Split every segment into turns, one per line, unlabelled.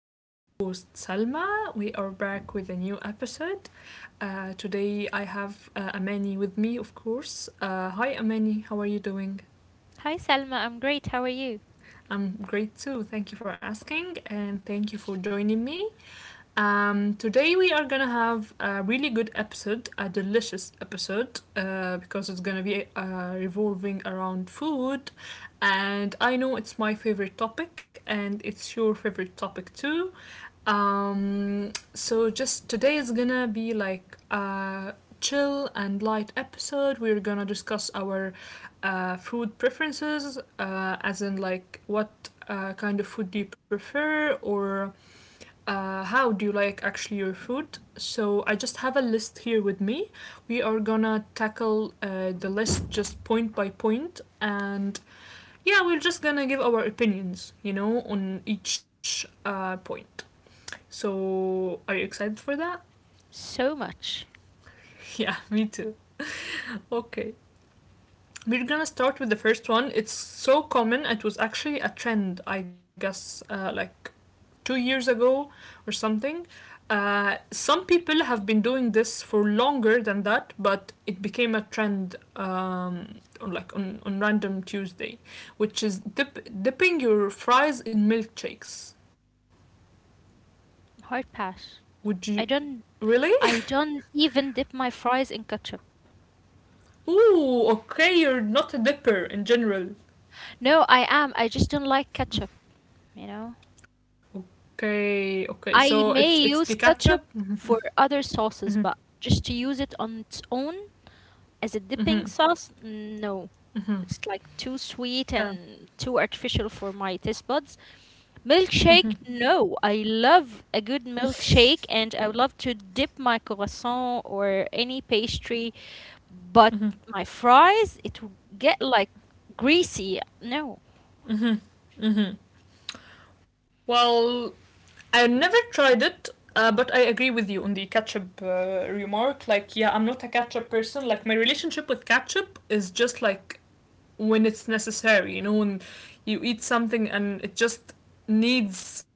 This is your host Salma. We are back with a new episode. Today I have Amani with me, of course. Hi, Amani. How are you doing?
Hi Selma, I'm great. How are you?
I'm great too. Thank you for asking and thank you for joining me. Today we are gonna have a really good episode, a delicious episode, because it's gonna be revolving around food, and I know it's my favorite topic, and it's your favorite topic too. So just today is gonna be like a chill and light episode. We're gonna discuss our food preferences, as in like what kind of food do you prefer, or how do you like actually your food. So I just have a list here with me. We are gonna tackle the list just point by point, and yeah, we're just gonna give our opinions, on each point. So, are you excited for that?
So much.
Yeah, me too. Okay. We're gonna start with the first one. It's so common, it was actually a trend, I guess, like 2 years ago or something. Some people have been doing this for longer than that, but it became a trend on like on random Tuesday, which is dipping your fries in milkshakes.
Hard pass.
Would you
I don't
really?
I don't even dip my fries in ketchup.
Ooh, okay, you're not a dipper in general.
No, I am. I just don't like ketchup, you know.
Okay, okay. So it's
I
it's the
may use
ketchup.
ketchup
Mhm.
for other
Mhm.
sauces, but just to use it on its own as a dipping
Mhm.
sauce, no.
Mhm.
It's like too sweet
Yeah.
and too artificial for my taste buds. Milkshake? No, I love a good milkshake and I would love to dip my croissant or any pastry, but
Mhm.
my fries, it will get like greasy. No.
Mhm. Mhm. Well, I never tried it, but I agree with you on the ketchup remark. Like, yeah, I'm not a ketchup person. Like, my relationship with ketchup is just like when it's necessary. You know, when you eat something and it just needs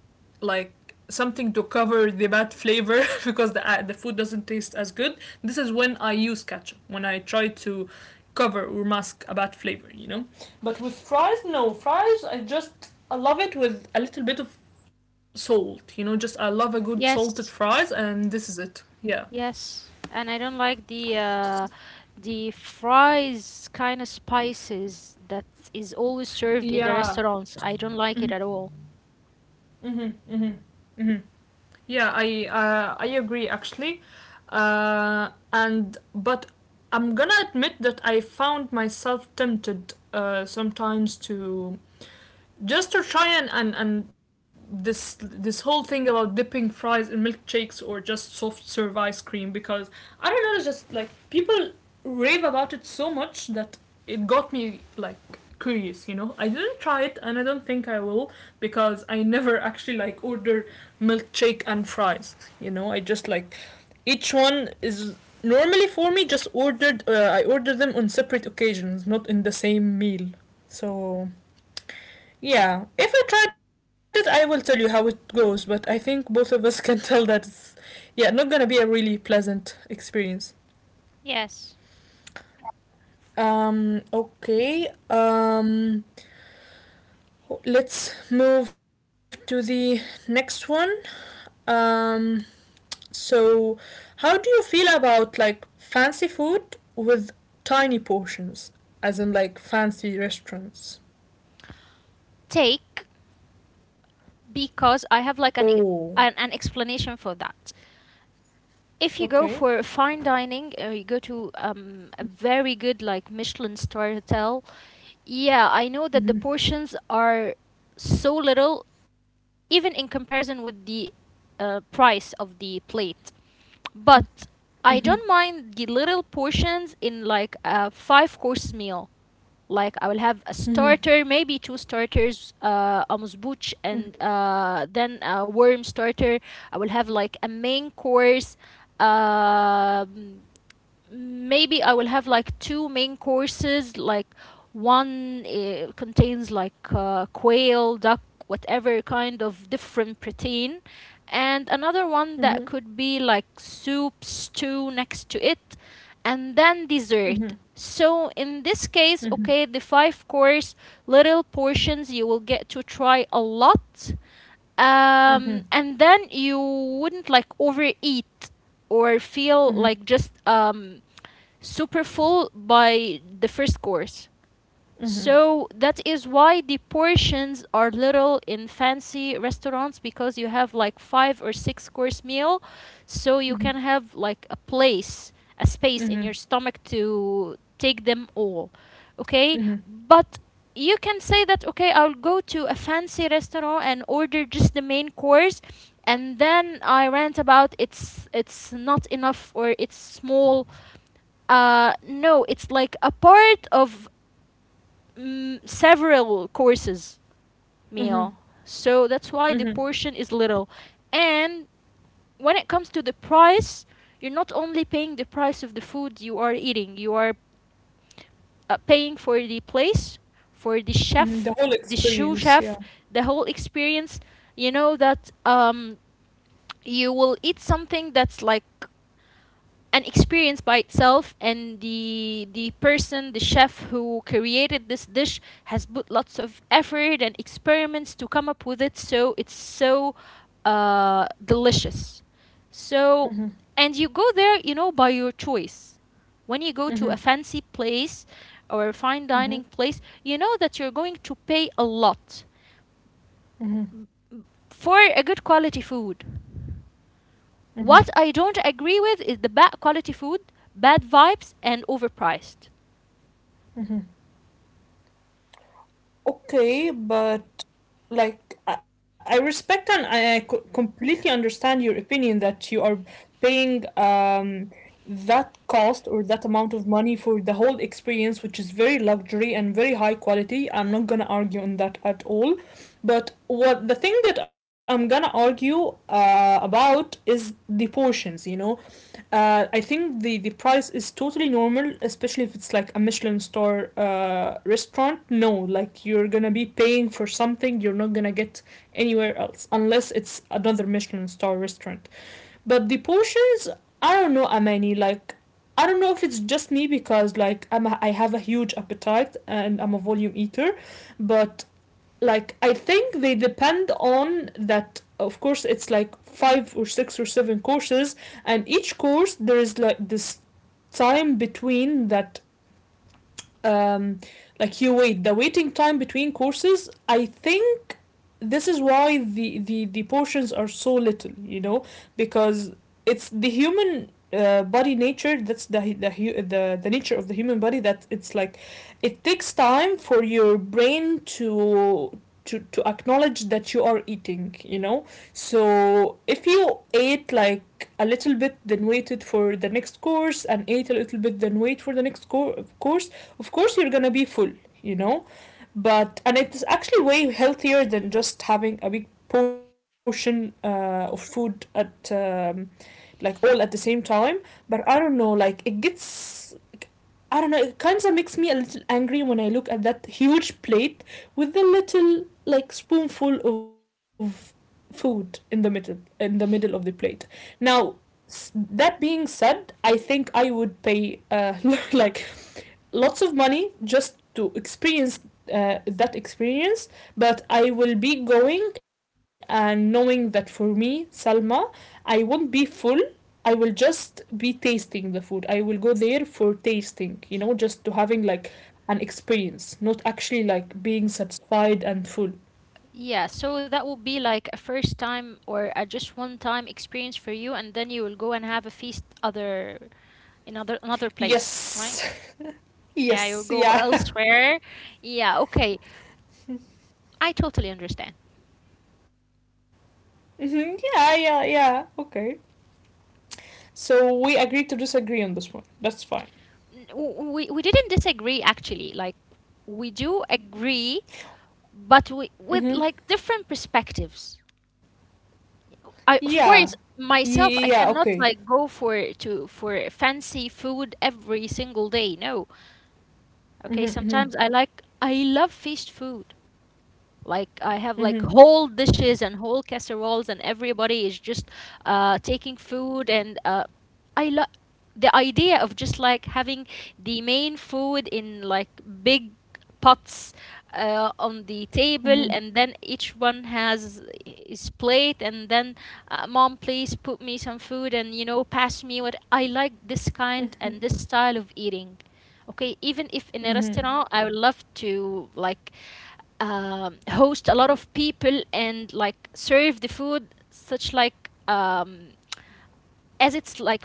like something to cover the bad flavor because the food doesn't taste as good. This is when I use ketchup, when I try to cover or mask a bad flavor. But with fries, no fries. I love it with a little bit of salt. Just I love a good salted
Yes.
fries, and this is it. Yeah.
Yes. And I don't like the the fries kind of spices that is always served in the
Yeah.
restaurants. I don't like it at all.
Mhm. Mhm. Mhm. Yeah, I agree actually, and but I'm gonna admit that I found myself tempted sometimes to just to try and this whole thing about dipping fries in milkshakes or just soft serve ice cream, because I don't know, it's just like people rave about it so much that it got me like curious. I didn't try it, and I don't think I will, because I never actually like order milkshake and fries. I just like each one is normally for me just ordered I order them on separate occasions, not in the same meal. So yeah, if I tried it, I will tell you how it goes, but I think both of us can tell that it's, yeah, not gonna be a really pleasant experience.
Yes.
Okay. Let's move to the next one. Um, so, how do you feel about like fancy food with tiny portions, as in like fancy restaurants?
Take because I have like an
Oh,
an, an explanation for that. If you go for
okay.
fine dining or you go to a very good like Michelin star hotel, yeah, I know that the
Mm-hmm.
portions are so little, even in comparison with the price of the plate. But I
Mm-hmm.
don't mind the little portions in like a five course meal. Like I will have a
Mm-hmm.
starter, maybe two starters, a musbuch, and then a worm starter. I will have like a main course. Um Maybe I will have like two main courses. Like one contains like quail, duck, whatever kind of different protein, and another one
Mm-hmm.
that
Mm-hmm.
could be like soup, stew next to it, and then dessert.
Mm-hmm.
So in this case,
Mm-hmm.
okay, the five course little portions you will get to try a lot.
Mm-hmm.
And then you wouldn't like overeat or feel like just
Mhm.
super full by the first course. So that
Mhm.
is why the portions are little in fancy restaurants because you have like five or six course meal, so you can have
Mhm.
like a place, a space in your stomach
Mhm.
to take them all. Okay? But
Mhm.
you can say that okay, I'll go to a fancy restaurant and order just the main course and then I rant about it's not enough or it's small, no, it's like a part of several courses meal.
Mhm.
So that's why the
Mhm.
portion is little. And when it comes to the price, you're not only paying the price of the food you are eating, you are paying for the place, for the chef,
Mhm. The
the
whole
shoe chef,
experience, yeah.
the whole experience. You know that you will eat something that's like an experience by itself, and the person the chef who created this dish has put lots of effort and experiments to come up with it, so it's so delicious. So
Mhm.
and you go there, you know, by your choice. When you go to a
Mhm.
fancy place or a fine dining
Mhm.
place, you know that you're going to pay a lot
Mhm.
for a good quality food. What I don't agree with is the bad quality food, bad vibes and overpriced. S-
Okay, but like I respect, and I completely understand your opinion that you are paying that cost or that amount of money for the whole experience, which is very luxury and very high quality. I'm not gonna argue on that at all. But what the thing that I'm gonna argue about is the portions. I think the price is totally normal, especially if it's like a Michelin star restaurant. No, like you're gonna be paying for something you're not gonna get anywhere else, unless it's another Michelin star restaurant. But the portions, I don't know, Amani. Like, I don't know if it's just me, because like I have a huge appetite and I'm a volume eater, but like I think they depend on that. Of course, it's like five or six or seven courses, and each course there is like this time between that, um, like you wait, the waiting time between courses. I think this is why the portions are so little, you know. Because it's the human body nature. That's the nature of the human body, that it's like it takes time for your brain to acknowledge that you are eating, you know. So if you ate like a little bit, then waited for the next course, and ate a little bit, then wait for the next course, of course you're gonna be full, you know. But and it's actually way healthier than just having a big portion of food at like all at the same time. But I don't know, like it gets, I don't know, it kind of makes me a little angry when I look at that huge plate with the little like spoonful of food in the middle of the plate now. That being said, I think I would pay like lots of money just to experience that experience, but I will be going and knowing that for me, Salma, I won't be full. I will just be tasting the food. I will go there for tasting, you know, just to having like an experience, not actually like being satisfied and full.
Yeah, so that will be like a first time or a just one time experience for you, and then you will go and have a feast other in other another place, right?
Yes.
Yeah, you'll
Yes.
go
Yeah.
elsewhere. Yeah, okay. I totally understand.
Mhm. Yeah. Yeah. Yeah. Okay. So we agree to disagree on this one. That's fine.
We didn't disagree actually. Like we do agree, but we with like
Mm-hmm.
different perspectives. I of
Yeah.
course
Yeah,
myself I
yeah, yeah,
cannot
okay.
like go for fancy food every single day. No. Okay, sometimes
Mm-hmm. Mm-hmm.
I love fast food. Like I have like whole
Mm-hmm.
dishes and whole casseroles, and everybody is just taking food. And I love the idea of just like having the main food in like big pots on the table, and
Mm-hmm.
then each one has his plate, and then, mom, please put me some food, and you know, pass me what I like, this kind and
Mm-hmm.
this style of eating. Okay, even if in a restaurant,
Mm-hmm.
I would love to like host a lot of people and like serve the food such like, as it's like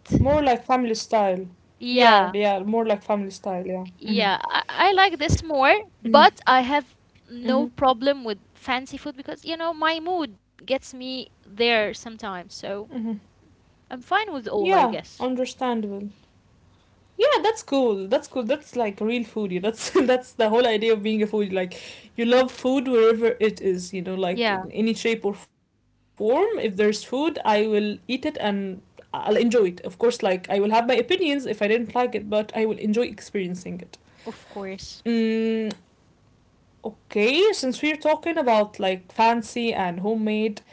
More like family style. Yeah,
Yeah,
yeah, more like family style, yeah.
yeah,
Mm-hmm.
I like this more, but I
Mm-hmm.
have no
Mm-hmm.
problem with fancy food because you know my mood gets me there sometimes,
Mm-hmm.
so I'm fine with
Yeah,
all, I guess.
understandable. Yeah, that's cool. That's cool. That's like real foodie. That's that's the whole idea of being a foodie. Like, you love food wherever it is. You know, like
Yeah,
in any shape or form. If there's food, I will eat it and I'll enjoy it. Of course, like I will have my opinions if I didn't like it, but I will enjoy experiencing it.
of course.
Mm, okay, since we're talking about like fancy and homemade,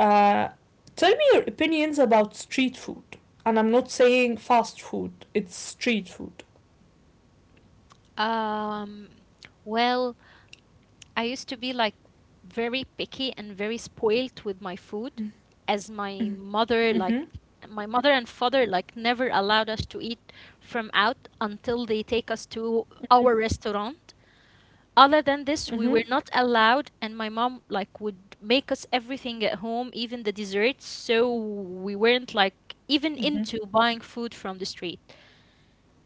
uh, tell me your opinions about street food. And I'm not saying fast food. It's street food.
Um, well, I used to be like very picky and very spoilt with my food, as
Mhm.
my mother
Mhm.
like my mother and father like never allowed us to eat from out until they take us to our restaurant. Other than this,
Mhm.
we were not allowed, and my mom like would make us everything at home, even the desserts, so we weren't
Mhm.
like even into buying food from the street.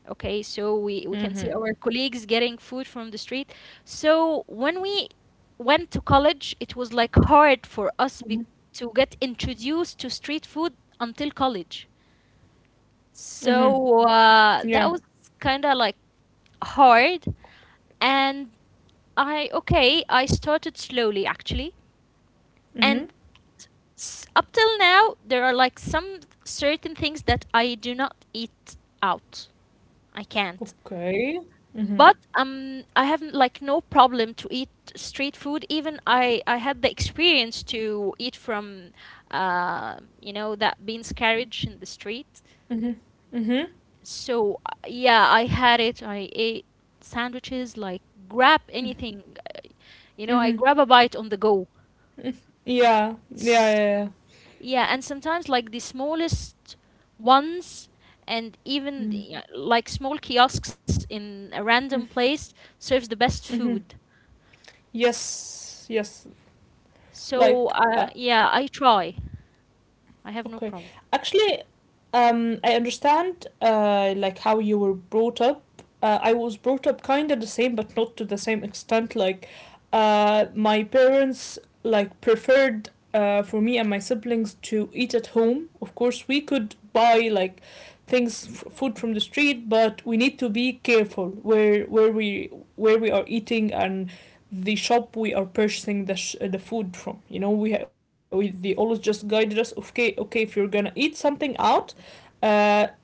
Okay, so we
Mhm.
can see our colleagues getting food from the street. So when we went to college, it was like hard for us to get introduced to street food until college.
Mhm.
So
Yeah.
that was kind of like hard. And okay, I started slowly actually. And
Mhm.
up till now, there are like some certain things that I do not eat out. I can't.
Okay. Mhm.
But I have like no problem to eat street food. Even I had the experience to eat from, you know, that beans carriage in the street.
Mhm. Mhm.
So yeah, I had it. I ate sandwiches, like grab anything, you know, I
Mhm.
grab a bite on the go.
Mhm. Yeah. Yeah. Yeah.
S-
Yeah.
Yeah, and sometimes like the smallest ones, and even
Mm.
the, like small kiosks in a random place serves the best
Mhm.
food.
Yes. Yes.
So,
Like I,
yeah, I try. I have no
Okay.
problem.
Actually, I understand like how you were brought up. I was brought up kind of the same, but not to the same extent. Like, my parents like preferred for me and my siblings to eat at home. Of course, we could buy like things food from the street, but we need to be careful where we are eating and the shop we are purchasing the food from. We they always just guided us. Okay, okay, if you're gonna eat something out, uh,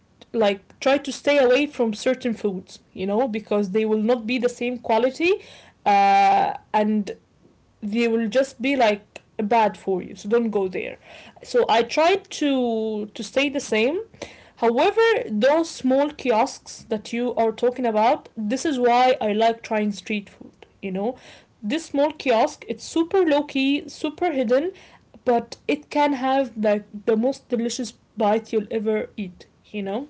like try to stay away from certain foods. You know, because they will not be the same quality, and they will just be like bad for you. So don't go there. So I tried to stay the same. However, those small kiosks that you are talking about, this is why I like trying street food, you know. This small kiosk, it's super low key, super hidden, but it can have like the most delicious bite you'll ever eat, you know.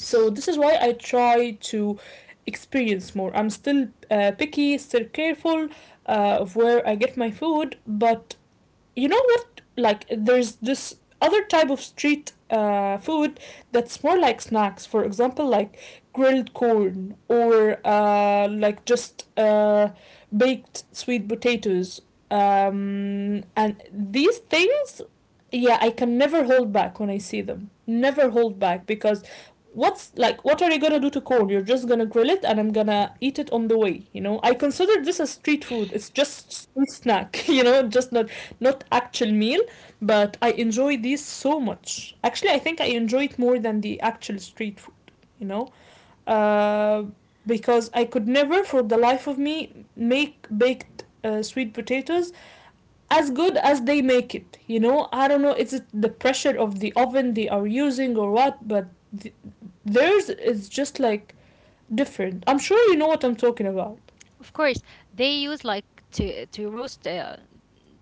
So this is why I try to experience more. I'm still picky, still careful of where I get my food, but you know what? Like, there's this other type of street food that's more like snacks. For example, like grilled corn or like just baked sweet potatoes. And these things, yeah, I can never hold back when I see them. Never hold back, because what's like what are you gonna do to corn? You're just gonna grill it, and I'm gonna eat it on the way, you know. I consider this as street food. It's just street snack, you know, just not actual meal. But I enjoy these so much actually. I think I enjoy it more than the actual street food, you know. uh, because I could never for the life of me make baked sweet potatoes as good as they make it, you know. I don't know, it's the pressure of the oven they are using or what, but th- theirs is just like different. I'm sure you know what I'm talking about.
of course. They use like to roast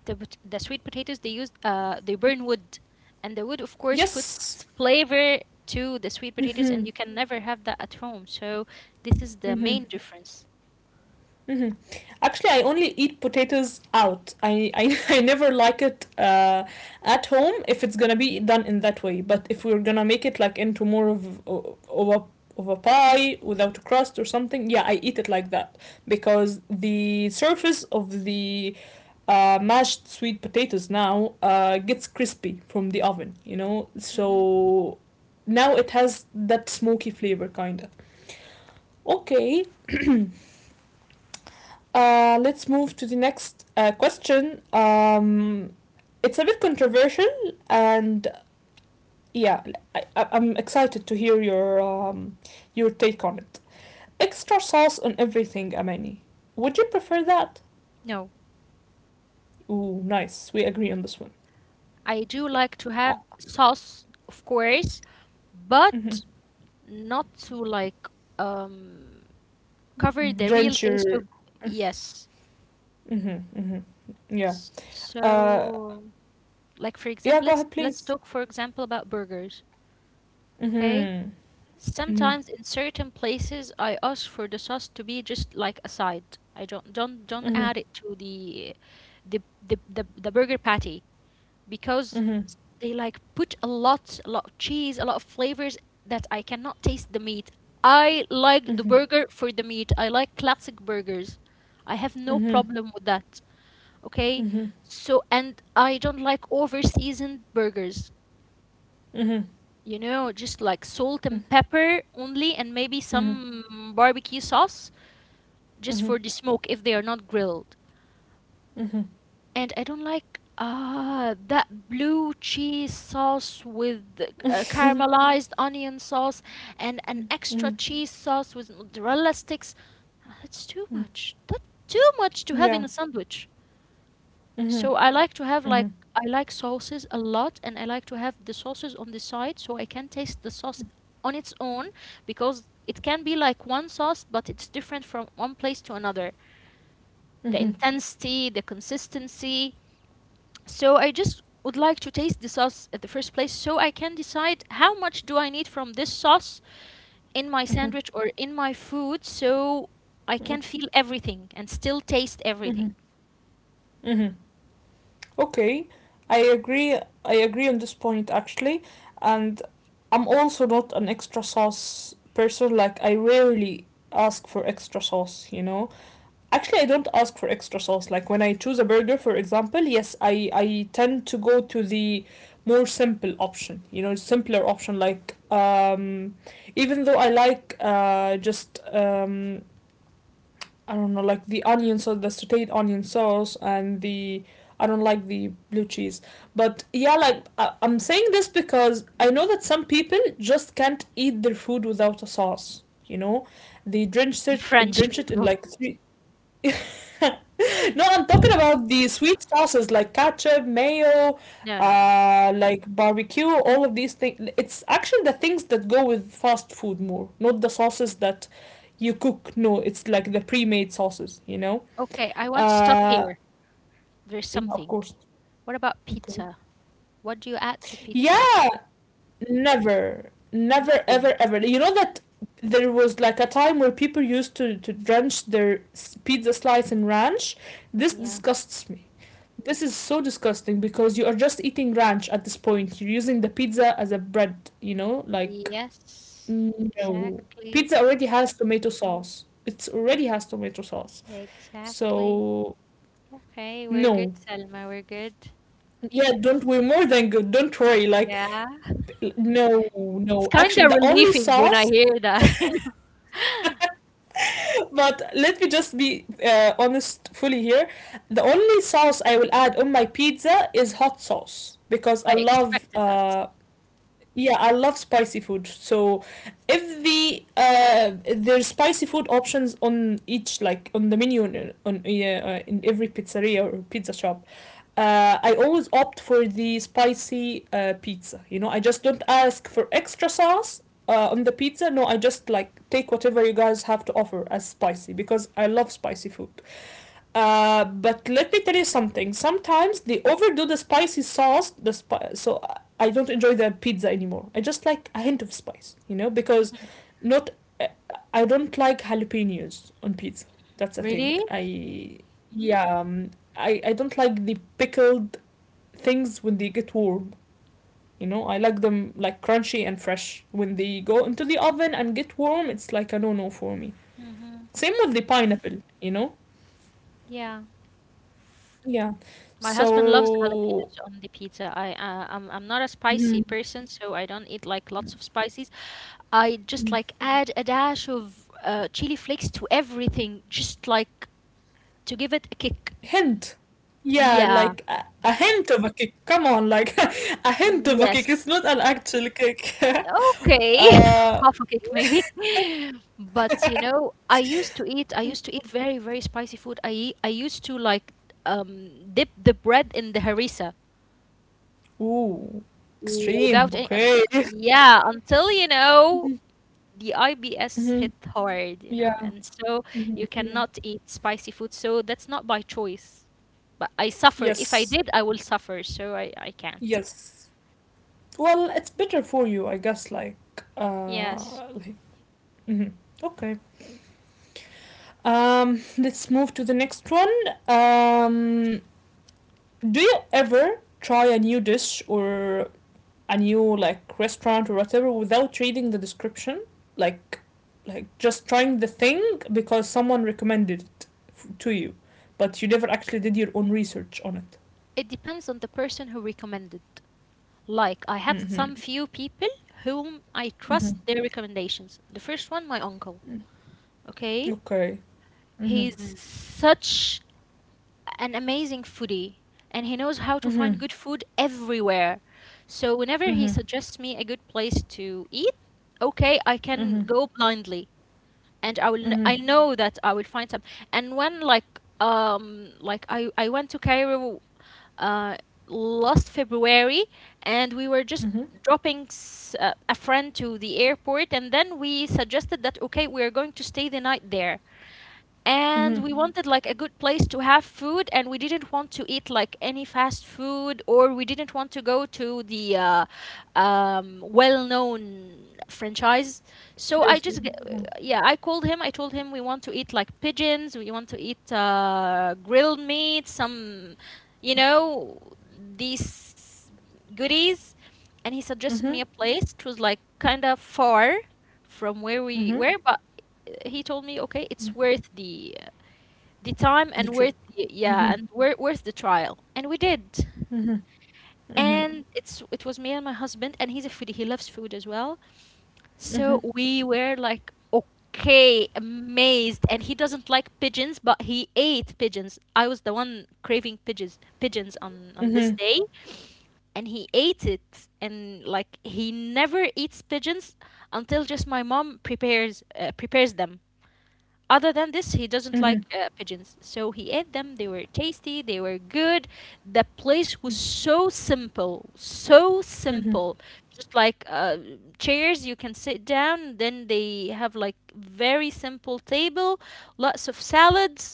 the the sweet potatoes. They use they burn wood, and the wood of course puts
Yes.
its flavor to the sweet potatoes,
Mm-hmm.
and you can never have that at home. So this is the
Mm-hmm.
main difference.
Mm-hmm. Actually, I only eat potatoes out. I never like it at home if it's gonna be done in that way. But if we're gonna make it like into more of a pie without a crust or something, yeah, I eat it like that because the surface of the mashed sweet potatoes now gets crispy from the oven, you know?
Hmm.
So now it has that smoky flavor, kinda. Okay. Let's move to the next question. It's a bit controversial, and yeah, I'm excited to hear your take on it. Extra sauce on everything, Amani. Would you prefer that?
No,
Ooh, nice. We agree on this one.
I do
Yeah.
like to
Uh.
have sauce, of course,
Mm-hmm.
but not to like um cover the real
Drench
taste
your.
of, yes.
Mm-hmm, mm-hmm. Yeah. Uh,
So, like for
yeah.
example,
Go ahead,
let's
please.
talk for example about burgers, okay?
Mm-hmm. Mm-hmm.
Sometimes in certain places I ask for the sauce to be just like a side. I don't
Mm-hmm.
add it to the the burger patty because
Mm-hmm.
they like put a lot of cheese, a lot of flavors that I cannot taste the meat. I like the
Mm-hmm.
burger for the meat. I like classic burgers. I have no
Mm-hmm.
problem with that, okay.
Mm-hmm. Mm-hmm.
So, and I don't like over seasoned burgers,
Mm-hmm.
you know, just like salt and pepper only, and maybe
Mm-hmm.
some barbecue sauce just
Mm-hmm.
for the smoke if they are not grilled.
Mm-hmm.
And I don't like, that blue cheese sauce with, caramelized onion sauce and an
mm-hmm.
extra
Mm-hmm.
cheese sauce with mozzarella sticks. Ah, that's too much to have in
Yeah.
a sandwich.
Mm-hmm.
So I like to have like,
Mm-hmm.
I like sauces a lot, and I like to have the sauces on the side so I can taste the sauce on its own, because it can be like one sauce but it's different from one place to another. The
Mm-hmm.
intensity, the consistency. So I just would like to taste the sauce at the first place so I can decide how much do I need from this sauce in my
Mm-hmm.
sandwich or in my food, so I can feel everything and still taste
Mm-hmm.
everything.
Mm-hmm. Okay. I agree. I agree on this point actually, and I'm also not an extra sauce person. Like I rarely ask for extra sauce. You know, actually, I don't ask for extra sauce. Like when I choose a burger, for example, yes, I tend to go to the more simple option. You know, simpler option. Like even though I like just I don't know like the onion sauce, the sautéed onion sauce, and the I don't like the blue cheese. But yeah, like I'm saying this because I know that some people just can't eat their food without a sauce. You know, they
The French
drench it in
people.
like three. No, I'm talking about the sweet sauces like ketchup, mayo,
No, no, no.
like barbecue, all of these things. It's actually the things that go with fast food more, not the sauces that you cook. No, it's like the pre-made sauces, you know?
Okay, I want to stop
Uh,
here. There's
yeah, of
something.
course.
What about
Okay.
pizza? What do you add to pizza?
Yeah, never, never,
Nothing.
ever, ever. You know that there was like a time where people used to drench their pizza slice in ranch? This
Yeah.
disgusts me. This is so disgusting because you are just eating ranch at this point. You're using the pizza as a bread, you know? Like,
Yes.
no.
Exactly.
Pizza already has tomato sauce. It
Y-
already has tomato sauce.
Exactly.
So,
Okay, we're good,
no.
Selma. We're good.
Yeah, don't, we're more than good. Don't worry. Like,
Yeah.
no,
It's
no.
kind
Actually,
of
the only
relieving when I
sauce,
hear that, you know.
but let me just be honest fully here. The only sauce I will add on my pizza is hot sauce because I
I
love
expected that.
uh. Yeah, I love spicy food. So, if the there's spicy food options on each like on the menu on in every pizzeria or pizza shop, I always opt for the spicy pizza. You know, I just don't ask for extra sauce on the pizza. No, I just like take whatever you guys have to offer as spicy because I love spicy food. But let me tell you something. Sometimes they overdo the spicy sauce. The so I don't enjoy the pizza anymore. I just like a hint of spice, you know, because not uh, I don't like jalapenos on pizza. That's a thing.
Really?
I yeah, I don't like the pickled things when they get warm. You know, I like them like crunchy and fresh. When they go into the oven and get warm, it's like a no no for me.
Mm-hmm.
Same with the pineapple. You know,
Yeah.
yeah.
My husband loves
So.
jalapenos on the pizza. I'm not a spicy
Mhm.
person, so I don't eat like lots of spicy. I just like add a dash of chili flakes to everything, just like to give it a kick.
Hint. Yeah,
Yeah,
like a hint of a kick. Come on, like a hint of a kick.
yes.
It's not an actual kick.
Okay,
uh,
half a kick maybe. But you know, I used to eat very, very spicy food. I eat. I used to like dip the bread in the harissa
ooh, extreme.
without any,
Okay.
yeah, until you know, the IBS
Hmm.
hit hard, you know,
Yeah.
and so
Hmm.
you
Yeah.
cannot eat spicy food. So that's not by choice. But I suffer. If I
Yes.
did, I will suffer. So I can't.
Yes. Well, it's better for you, I guess. Like,
Yes.
like. Mhm. Okay. Let's move to the next one. Um, do you ever try a new dish or a new like restaurant or whatever without reading the description like like just trying the thing because someone recommended it to you but you never actually did your own research on it?
It depends on the person who recommended. Like, I have
Mm-hmm.
some few people whom I
Mm-hmm.
trust their recommendations. The first one, my uncle.
Mm.
Okay?
Okay. Mm-hmm.
He's such an amazing foodie, and he knows how to find
Mm-hmm.
good food everywhere. So whenever he
Mm-hmm.
suggests me a good place to eat, okay, I can
Mm-hmm.
go blindly, and I will
Mm-hmm.
I know that I will find some. And when like I went to Cairo uh last February, and we were just
Mm-hmm.
dropping a friend to the airport. And then we suggested that, okay, we are going to stay the night there, and
Mm-hmm.
we wanted like a good place to have food. And we didn't want to eat like any fast food, or we didn't want to go to the well-known franchise. So
Places. Mm-hmm.
yeah, I called him. I told him we want to eat like pigeons, we want to eat grilled meat, some, you know, these goodies. And he suggested me
Mm-hmm.
a place. It was like kind of far from where we
Mm-hmm.
were, but he told me, okay, it's worth the time
The
and
trip.
worth the, yeah and wor- worth the trial, and we did.
Mm-hmm. Mm-hmm.
And it was me and my husband, and he's a foodie, he loves food as well. So
Mm-hmm.
we were like, okay, amazed. And he doesn't like pigeons, but he ate pigeons. I was the one craving pigeons, pigeons, on this day. And he ate it, and like, he never eats pigeons until just my mom prepares prepares them. Other than this, he doesn't like pigeons. So he ate them. They were tasty. They were good. The place was so simple, so
Mm-hmm.
simple. Just like, chairs, you can sit down. Then they have like very simple table, lots of salads.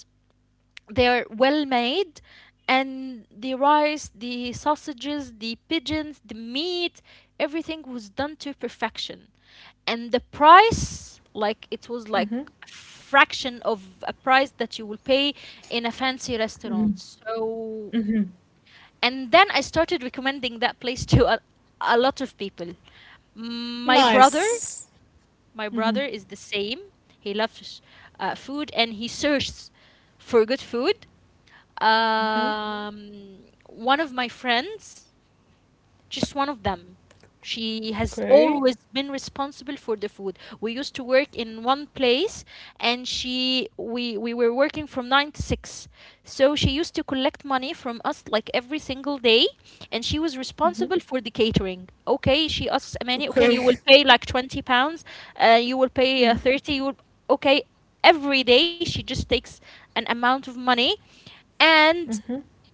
They're well made, and the rice, the sausages, the pigeons, the meat, everything was done to perfection. And the price, like it was like
Mm-hmm.
a fraction of a price that you will pay in a fancy restaurant. So,
Mm-hmm.
and then I started recommending that place to a lot of people. My brother,
Nice.
my
Mm-hmm.
brother is the same. He loves food, and he searches for good food.
Mm-hmm.
One of my friends, just one of them. She has
Okay.
always been responsible for the food. We used to work in one place, and she we were working from 9 to 6. So she used to collect money from us like every single day, and she was
Mm-hmm.
responsible for the catering. Okay, she asks, Amani, okay, you will
Okay.
pay like 20 pounds, you will pay 30, you will, okay, every day she just takes an amount of money. And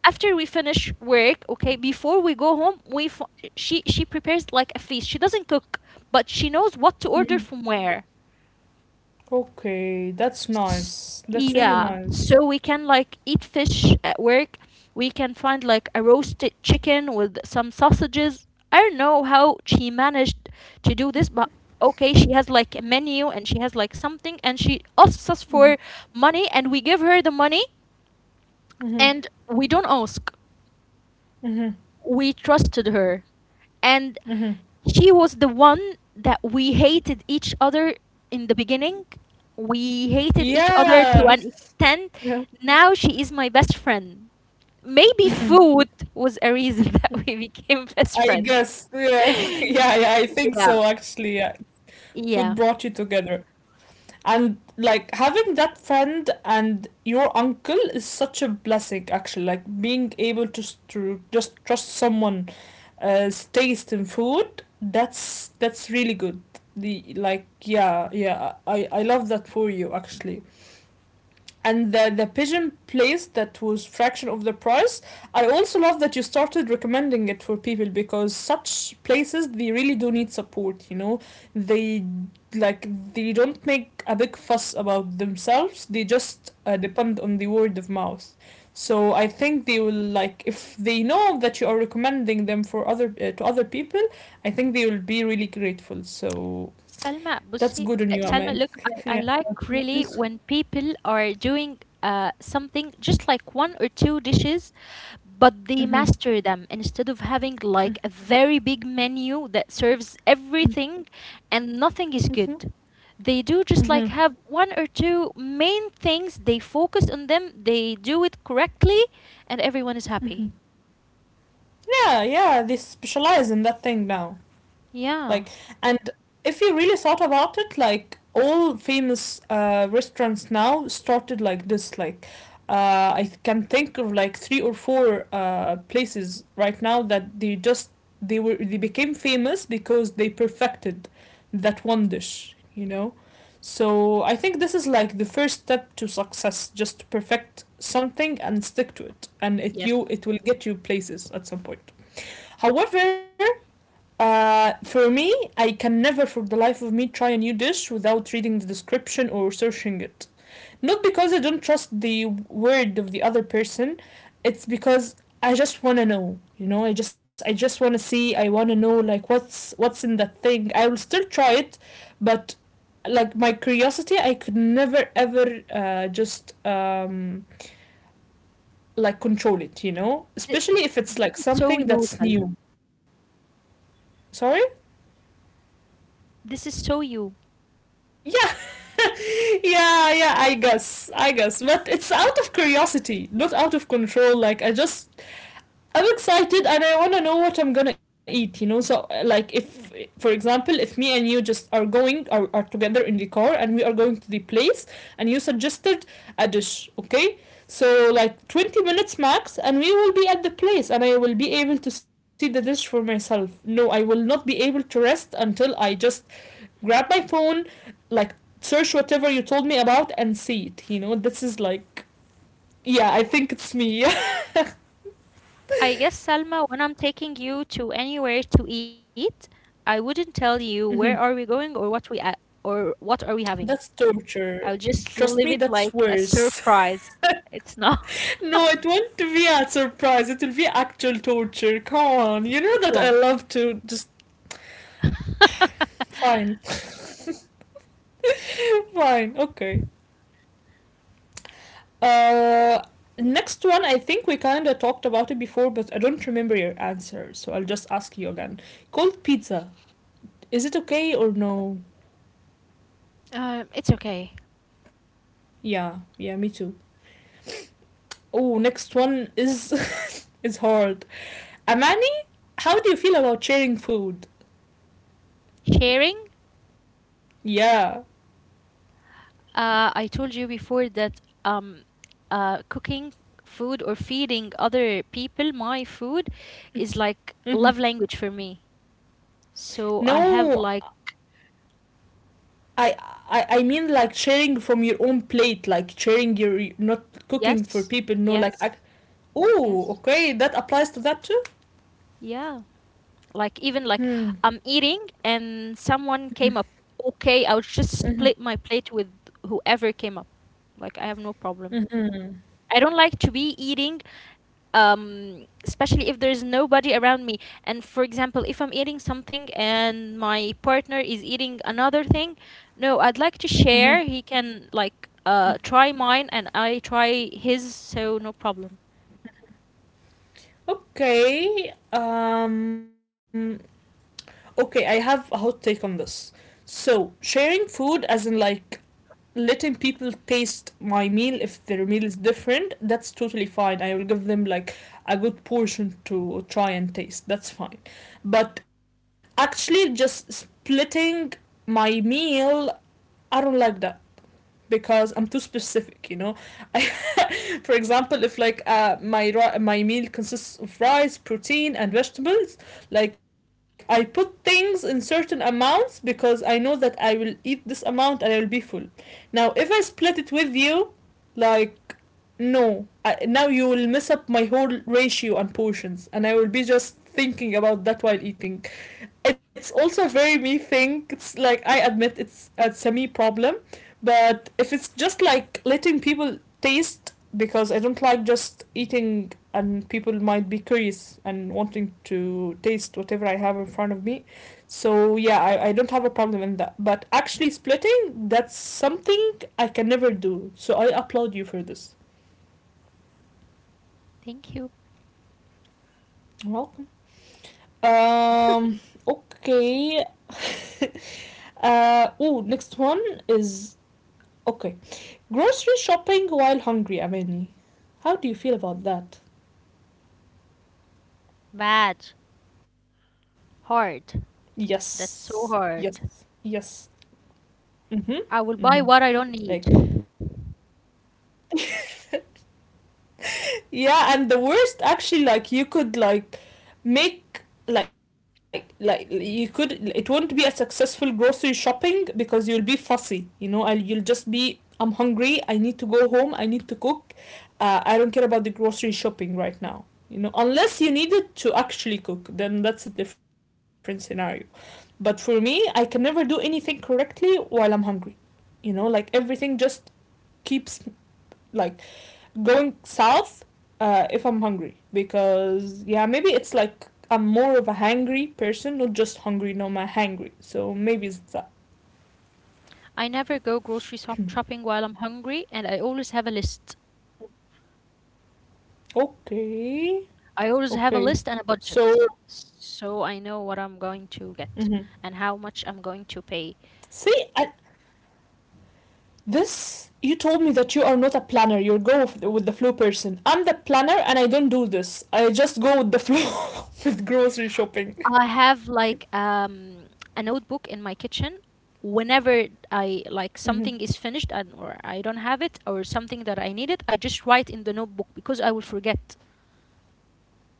after we finish work, okay, before we go home, she prepares like a feast. She doesn't cook, but she knows what to order from where.
Okay, that's
S-
nice. That's really
yeah,
nice.
so we can like eat fish at work, we can find like a roasted chicken with some sausages. I don't know how she managed to do this, but okay, she has like a menu, and she has like something, and she asks us for money, and we give her the money,
Hmm.
and we don't ask.
Hmm.
We trusted her. And
Hmm.
she was the one that we hated each other in the beginning. We hated each other
Yeah.
to an extent.
Yeah.
Now she is my best friend. Maybe
Hmm.
food was a reason that we became best
I
friends.
guess. Yeah. Yeah, yeah, I think
Yeah.
so actually. Yeah. Food
Yeah.
brought you together. And like having that friend and your uncle is such a blessing actually. Like being able to to just trust someone taste in food, that's really good. The like yeah, yeah. I love that for you actually. And the pigeon place that was fraction of the price. I also love that you started recommending it for people because such places they really do need support, you know, they like they don't make a big fuss about themselves, they just depend on the word of mouth. So I think they will like if they know that you are recommending them for other to other people, I think they will be really grateful. So
سلمى
that's
بصي
good on you,
Salma,
Aman.
look, I
yeah.
like
Mm-hmm.
really when people are doing something just like one or two dishes, but they
Mm-hmm.
master them, instead of having like a very big menu that serves everything and nothing is good. They do just like
Mm-hmm.
have one or two main things, they focus on them, they do it correctly, and everyone is happy.
Yeah, yeah, they specialize in that thing now.
Yeah.
Like, and if you really thought about it, like all famous restaurants now started like this. Like, I can think of like 3 or 4 places right now that they just they were they became famous because they perfected that one dish. You know, so I think this is like the first step to success, just to perfect something and stick to it, and it
Yes.
you it will get you places at some point. However, for me, I can never for the life of me try a new dish without reading the description or searching it. Not because I don't trust the word of the other person, it's because I just want to know. You know, I just want to see, I want to know like what's in that thing. I will still try it, but like my curiosity, I could never ever just like control it, you know?
Th-
Especially if it's like
so
something
you,
that's
Salma,
new. Sorry?
this is so you.
Yeah. yeah, yeah, I guess. I guess. But it's out of curiosity, not out of control. Like, I just. I'm excited and I want to know what I'm gonna eat, you know? So, like, if, for example, if me and you just are together in the car and we are going to the place and you suggested a dish, okay? So, like, 20 minutes max and we will be at the place and I will be able to see the dish for myself. No, I will not be able to rest until I just grab my phone, like search whatever you told me about and see it. You know, this is like, yeah, I think it's me.
I guess, Salma, when I'm taking you to anywhere to eat, I wouldn't tell you
hmm.
where are we going or or what are we having.
That's torture.
I'll just
Trust
leave
me,
it
that's
like a
worse.
surprise. It's not.
no, it won't be a surprise. It will be actual torture. Come on, you know
It
that I
won't.
love to just fine, fine, okay. Uh, next one. I think we kind of talked about it before, but I don't remember your answer, so I'll just ask you again. Cold pizza. Is it okay or no?
It's okay.
Yeah, yeah, me too. Oh, next one is is hard. Amani, how do you feel about sharing food?
Sharing.
Yeah.
I told you before that cooking food or feeding other people my food is like
Mhm.
love language for me. So I have
No,
like,
I, I I mean like sharing from your own plate, like sharing your not cooking for
yes,
people. No, like
yes,
I, oh,
yes.
okay, that applies to that too.
Yeah. Like, even like,
Hmm.
I'm eating and someone came up. Okay, I'll just split my plate with whoever came up. Like, I have no problem.
Mm-hmm.
I don't like to be eating, especially if there's nobody around me. And for example, if I'm eating something and my partner is eating another thing, no, I'd like to share. He can like try mine and I try his, so no problem.
Okay. Okay, I have a hot take on this. So sharing food, as in like letting people taste my meal if their meal is different, that's totally fine. I will give them like a good portion to try and taste, that's fine, but actually just splitting my meal, I don't like that because I'm too specific, you know. I, for example, if like my meal consists of rice, protein, and vegetables, like I put things in certain amounts because I know that I will eat this amount and I will be full. Now, if I split it with you, like no, I, now you will mess up my whole ratio and portions, and I will be just thinking about that while eating. It's also a very me thing. It's like I admit it's a semi problem, but if it's just like letting people taste because I don't like just eating and people might be curious and wanting to taste whatever I have in front of me. So yeah, I don't have a problem in that. But actually splitting, that's something I can never do. So I applaud you for this.
Thank you.
You're welcome. Um, okay. uh oh, next one is okay. Grocery shopping while hungry, Amani. How do you feel about that?
Bad. Hard.
Yes.
That's
Yes.
so hard.
Yes. Mm-hmm.
I
Mm-hmm.
will buy what I don't
Like
need.
yeah and the worst, actually, like, you could, like, make like you could, it won't be a successful grocery shopping because you'll be fussy, you know, and you'll just be I'm hungry, I need to go home, I need to cook, I don't care about the grocery shopping right now, you know, unless you needed to actually cook, then that's a different scenario. But for me, I can never do anything correctly while I'm hungry, you know, like everything just keeps, like, going south if I'm hungry, because yeah, maybe it's like I'm more of a hangry person, not just hungry, no, I'm hangry, so maybe it's that.
I never go grocery shop shopping while I'm hungry, and I always have a list.
Okay,
I always have a
okay.
list and a
So
budget. So I know what I'm going
mhm.
to get and how much I'm going to pay.
See, I, this, you told me that you are not a planner, you go with the flow person. I'm the planner and I don't do this, I just go with the flow with grocery shopping.
I have like a notebook in my kitchen. Whenever I,
Mm-hmm.
like, something is finished and or I don't have it or something that I needed, I just write in the notebook because I will forget.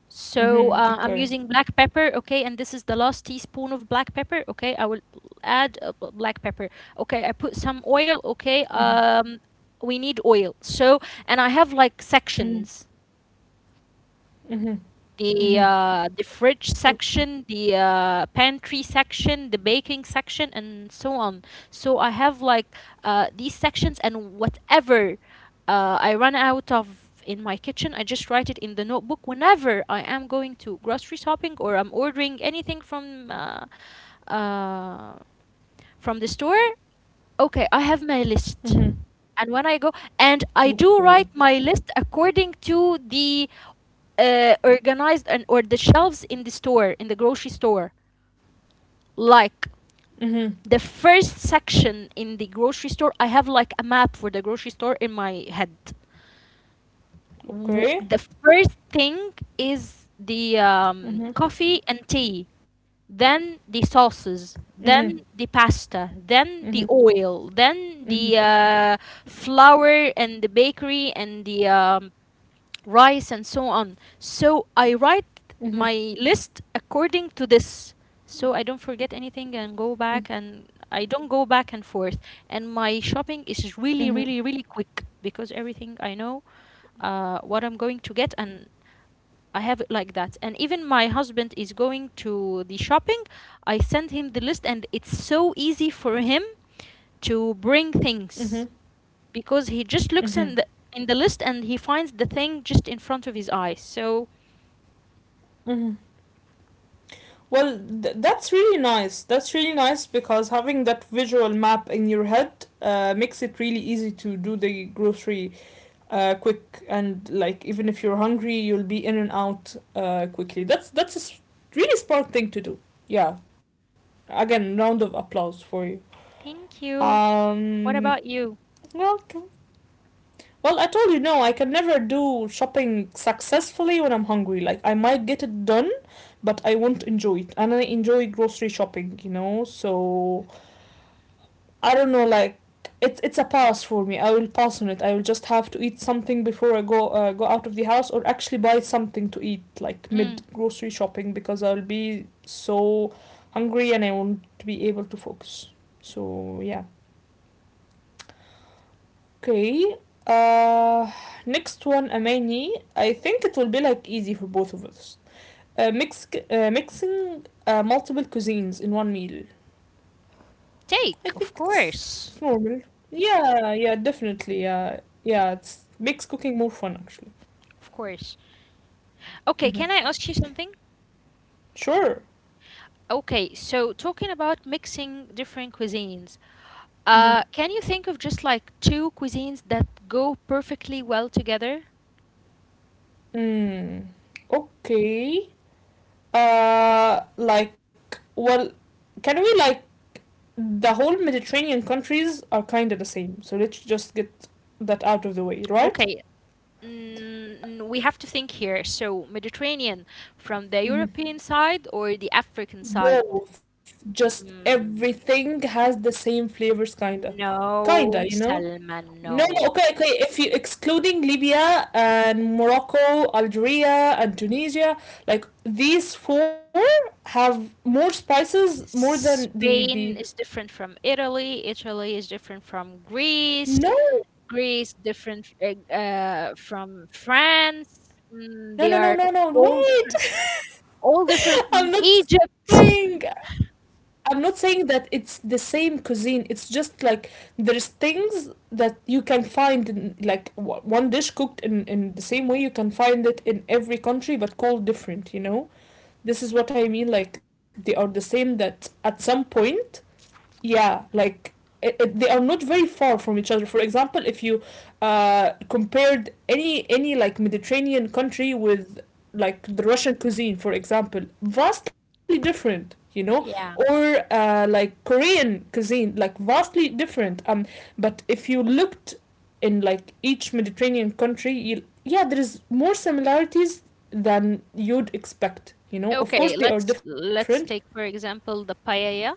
So
Mm-hmm.
I'm
Okay.
using black pepper, okay, and this is the last teaspoon of black pepper, okay. I will add black pepper, okay. I put some oil, okay.
Mm-hmm.
We need oil. So, and I have like
Mm-hmm.
sections,
Mm-hmm. Mm-hmm.
the fridge
Okay.
section, the pantry section, the baking section, and so on. So I have like these sections, and whatever I run out of in my kitchen, I just write it in the notebook. Whenever I am going to grocery shopping or I'm ordering anything uh, from the store, okay, I have my list.
Mm-hmm.
And when I go, and I do write
Okay.
my list according to the organized, and or the shelves in the store, in the grocery store. Like,
Mhm.
the first section in the grocery store, I have like a map for the grocery store in my head.
Okay.
The first thing is the
Mhm.
coffee and tea, then the
Mhm.
sauces, then the pasta,
Mhm.
then the oil, then
Mhm.
the flour and the bakery and the rice and so on. So I write
Mhm.
my list according to this. So I don't forget anything and go
Mhm.
back, and I don't go back and forth. And my shopping is really, really, really quick because everything, I know what I'm going to get, and I have it like that. And even my husband is going to the shopping, I send him the list, and it's so easy for him to bring
Mhm.
things because he just looks
Mhm.
in the, in the list, and he finds the thing just in front of his eyes. So,
Mhm. Well, that's really nice. That's really nice because having that visual map in your head makes it really easy to do the grocery quick and, like, even if you're hungry, you'll be in and out quickly. That's really smart thing to do. Yeah. Again, round of applause for you.
thank you. What
Um.
about you?
Well, Well, I told you no, I can never do shopping successfully when I'm hungry. Like I might get it done, but I won't enjoy it. And I enjoy grocery shopping, you know? So I don't know, like, it's a pass for me. I will pass on it. I will just have to eat something before I go out of the house or actually buy something to eat like mid
Mm.
grocery shopping because I'll be so hungry and I won't be able to focus. So yeah. Okay. Uh, next one, Amani. I think it will be like easy for both of us. Mixing multiple cuisines in one meal. I
Take,
think
of course.
it's normal. Yeah, yeah, definitely. Yeah, yeah. It's makes cooking more fun actually.
Of course. Okay, can
Mm-hmm.
I ask you something?
Sure.
Okay, so talking about mixing different cuisines,
Mm-hmm.
can you think of just like two cuisines that go perfectly well together?
Mm. Okay. Like, well, can we, like, the whole Mediterranean countries are kind of the same. So let's just get that out of the way, right?
Okay, mm, we have to think here. So, Mediterranean from the
Hmm.
European side or the African side?
Both, just
Mm,
everything has the same flavors, kinda,
no,
kinda, you know.
Salma,
No, no,
no.
okay, okay. If you excluding Libya and Morocco, Algeria and Tunisia, like these four have more spices more than the
Spain
the.
is different from Italy. Italy is different from Greece.
No,
Greece different from France. Mm,
no,
they
no, no,
are
no, no.
all
Wait.
different, all different
I'm
from
not
Egypt.
saying I'm not saying that it's the same cuisine. It's just like there's things that you can find in like one dish cooked in the same way, you can find it in every country but called different, you know? This is what I mean, like they are the same that at some point. Yeah, like they are not very far from each other. For example, if you compared any like Mediterranean country with like the Russian cuisine, for example, vastly different, you know.
Yeah.
Or like Korean cuisine, like vastly different. Um, but if you looked in like each Mediterranean country yeah, there is more similarities than you'd expect, you know, of
Okay,
course they are different.
let's take for example the paella,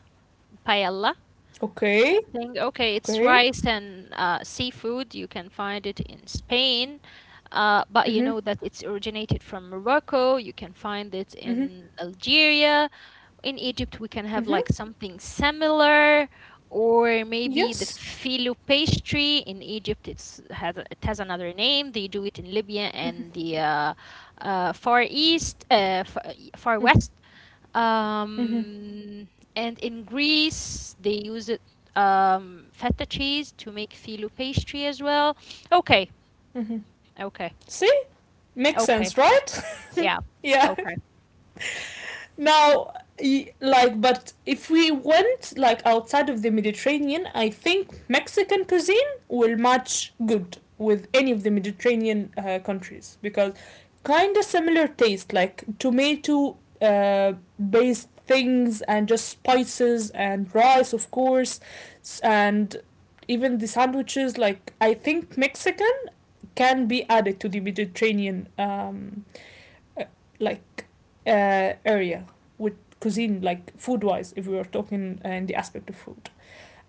paella
Okay.
thing. Okay, it's
Okay.
rice and seafood. You can find it in Spain, but you
Mm-hmm.
know that it's originated from Morocco. You can find it
Mm-hmm.
in Algeria. In Egypt, we
Mm-hmm.
can have like something similar, or maybe
Yes.
the filo pastry. In Egypt, it has another name. They do it in Libya and the Far East, Far
Mm-hmm.
West.
Mm-hmm.
Um, and in Greece, they use it feta cheese to make filo pastry as well. Okay,
Mm-hmm.
okay,
See? Makes
okay,
sense, right?
yeah,
Yeah.
okay.
Now, like, but if we went, like, outside of the Mediterranean, I think Mexican cuisine will match good with any of the Mediterranean countries because kind of similar taste, like tomato based things and just spices and rice, of course, and even the sandwiches. Like, I think Mexican can be added to the Mediterranean uh, like area with cuisine, like food wise, if we were talking in the aspect of food.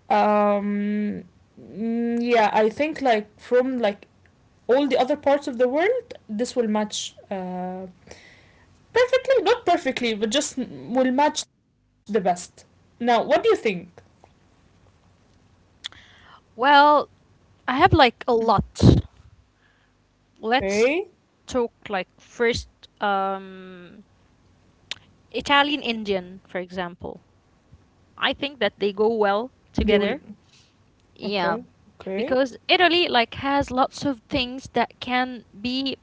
Um, mm, yeah, I think like from like all the other parts of the world, this will match perfectly, not perfectly, but just will match the best. Now, what do you think?
Well, I have like a lot. Let's
Okay,
talk like first, um, Italian Indian, for example. I think that they go well
they will.
together. Yeah,
Okay,
because
okay.
Italy like has lots of things that can be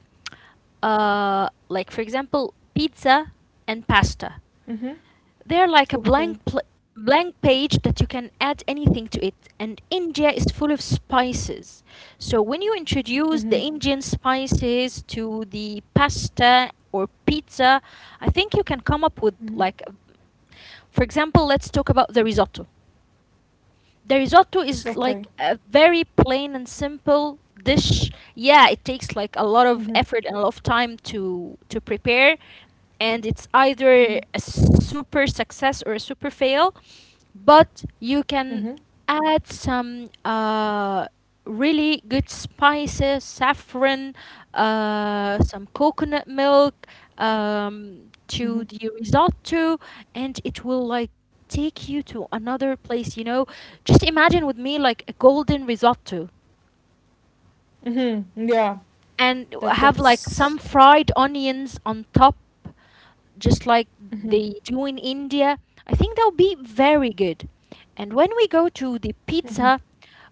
like, for example, pizza and pasta.
Mhm.
They're like a
Okay.
blank page that you can add anything to it. And India is full of spices. So when you introduce the
Mhm.
Indian spices to the pasta or pizza, I think you can come up with like,
Mhm.
for example, let's talk about the risotto. The risotto is
Okay.
like a very plain and simple dish. Yeah, it takes like a lot of effort
Mhm.
and a lot of time to prepare, and it's either a
Mhm.
super success or a super fail, but you can
Mhm.
add some really good spices, saffron, some coconut milk, to
Mm-hmm.
the risotto, and it will like take you to another place. You know, just imagine with me like a golden risotto
Mm-hmm. Yeah.
and have
That
like some
that's.
fried onions on top, just like they
Mm-hmm.
do in India. I think that would be very good. And when we go to the
Mm-hmm.
pizza,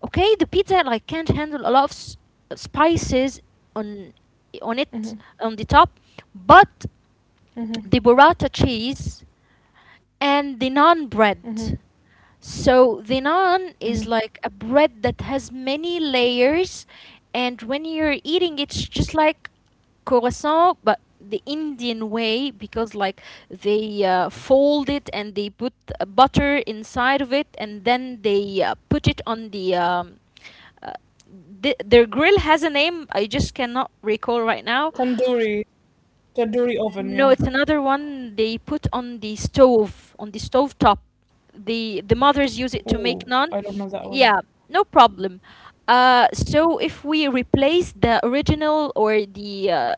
okay, the pizza like can't handle a lot of spices on on it
Mm-hmm.
on the top, but the
Mm-hmm.
burrata cheese and the naan
Mm-hmm.
bread. So the
Mm-hmm.
naan is like a bread that has many layers, and when you're eating, it's just like croissant, but the Indian way, because like they fold it and they put butter inside of it, and then they put it on the. Uh, their grill has a name. I just cannot recall right now.
Tandoori. Tandoori oven.
No, it's
Yeah.
another one they put on the stove top. The mothers use it
Oh,
to make
I don't
naan.
know that one.
Yeah, no problem. So if we replace the original or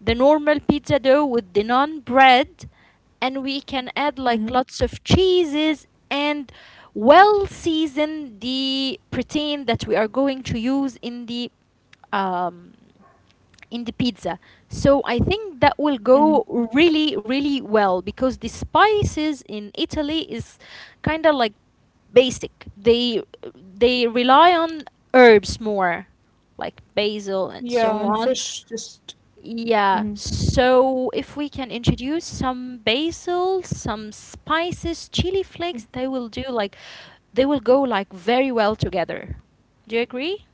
the normal pizza dough with the naan bread, and we can add like
Mm-hmm.
lots of cheeses and well season the protein that we are going to use um in the pizza. So I think that will
Mm-hmm.
go really, really well because the spices in Italy is kind of like basic. They rely on herbs more, like basil and
Yeah,
so
and
on.
fresh just.
Yeah.
Mm-hmm.
So if we can introduce some basil, some spices, chili flakes, they will do like they will go like very well together. Do you agree?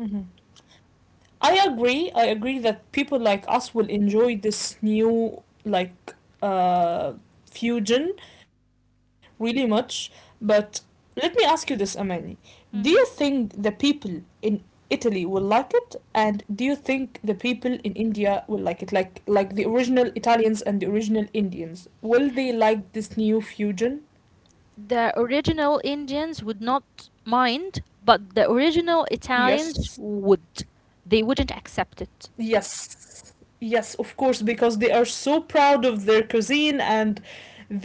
Mm-hmm. I agree. I agree that people like us will enjoy this new uh fusion really much. But let me ask you this, Amani. Do you
Mm-hmm.
think the people in Italy will like it? And do you think the people in India will like it? Like the original Italians and the original Indians. Will they like this new fusion?
The original Indians would not mind, but the original Italians
Yes.
would. They wouldn't accept it.
Yes. Yes, of course, because they are so proud of their cuisine, and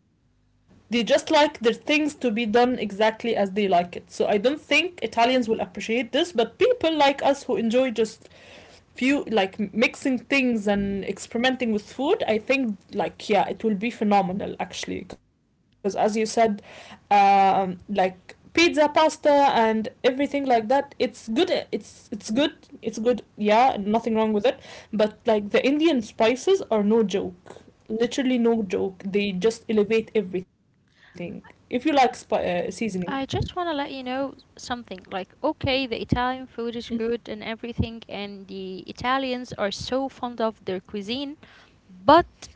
they they just like their things to be done exactly as they like it. So I don't think Italians will appreciate this, but people like us who enjoy just few like mixing things and experimenting with food, I think, like, yeah, it will be phenomenal actually, because as you said, um, like pizza, pasta, and everything like that, it's good, it's good, it's good, yeah, nothing wrong with it, but like the Indian spices are no joke, literally no joke, they just elevate everything if you like seasoning.
I just want to let you know something. Like, okay, the Italian food is good and everything, and the Italians are so fond of their cuisine, but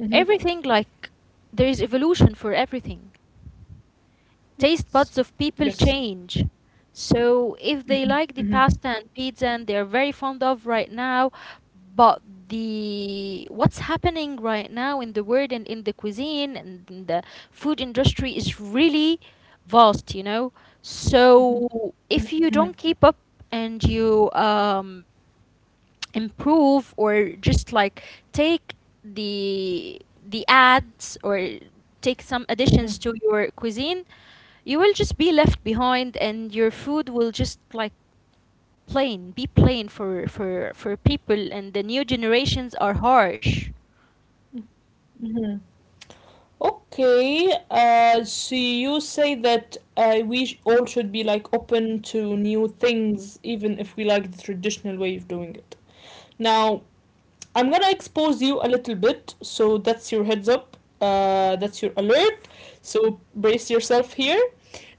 Mm-hmm.
everything, like, there is evolution for everything. Taste
Yes.
buds of people
Yes.
change. So if they
Mm-hmm.
like the
Mm-hmm.
pasta and pizza and they're very fond of right now, but the what's happening right now in the world and in the cuisine and in the food industry is really vast, So if you
Mm-hmm.
don't keep up and you improve or just like take the ads or take some
Mm-hmm.
additions to your cuisine, you will just be left behind and your food will just like plain be plain for people and the new generations are harsh.
Mhm. Okay, so you say that we sh all should be like open to new things, even if we like the traditional way of doing it. Now, I'm gonna expose you a little bit, so that's your heads up. That's your alert. So brace yourself here.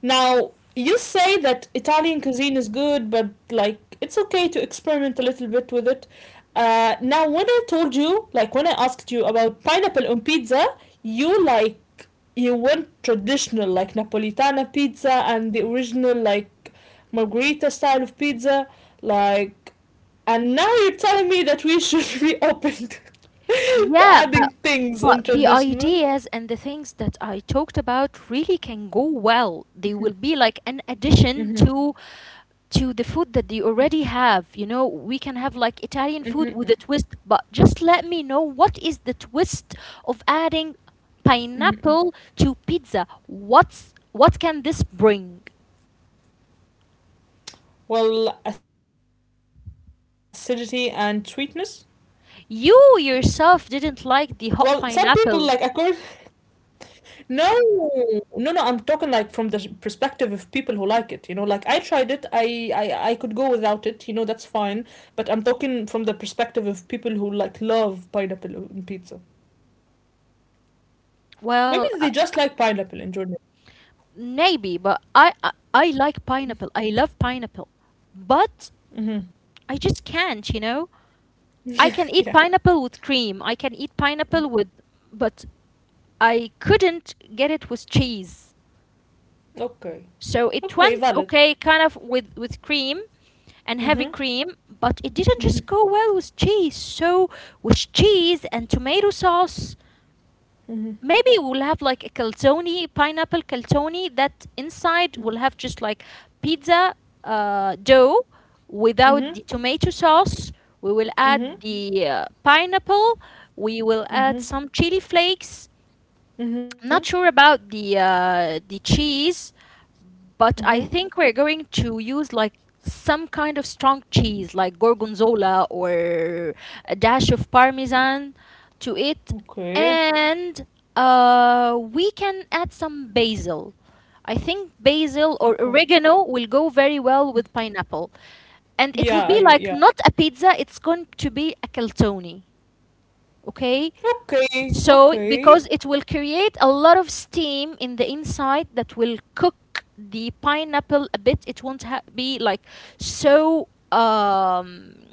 Now you say that Italian cuisine is good, but like it's okay to experiment a little bit with it. Now when I told you, like when I asked you about pineapple on pizza, you like you went traditional, like Napolitana pizza, and the original, like, Margherita style of pizza, like, and now you're telling me that we should be open to to
Yeah, but
adding things on
the
traditional.
ideas and the things that I talked about really can go well. They will be like an addition
Hmm.
to the food that they already have. You know, we can have like Italian food
Hmm.
with a twist, but just let me know, what is the twist of adding pineapple to pizza? What can this bring?
Well, acidity and sweetness.
You
Well,
yourself
some
didn't
people like
like the
according.
hot pineapple.
No, no, no. I'm talking like from the perspective of people who like it. You know, like I tried it. I could go without it. You know, that's fine. But I'm talking from the perspective of people who like love pineapple on pizza. Maybe they
Well,
just like pineapple in Jordan.
maybe, but I like pineapple. I love pineapple. But
Hmm.
I just can't, you know? I can eat
Yeah,
pineapple with
yeah.
cream. I can eat pineapple with, but I couldn't get it with cheese. So it
Okay.
went okay,
Okay,
kind of
valid.
with cream and heavy cream,
Mhm.
but it didn't just go well with cheese. So with cheese and tomato sauce, maybe we'll
Mhm.
have like a calzone, pineapple calzone, that inside will have just like pizza dough without the tomato
Mhm.
sauce. We will add the
Mhm.
pineapple. We will add some chili
Mhm.
flakes. I'm not sure
Mhm.
about the the cheese, but I think we're
Mhm.
going to use like some kind of strong cheese, like gorgonzola or a dash of parmesan to it,
Okay.
and we can add some basil. I think basil or
Okay.
oregano will go very well with pineapple, and it will be
Yeah,
like
I,
not a
yeah.
pizza; it's going to be a calzone. Okay, so,
Okay.
because it
Okay.
will create a lot of steam in the inside that will cook the pineapple a bit, it won't be like so. Um,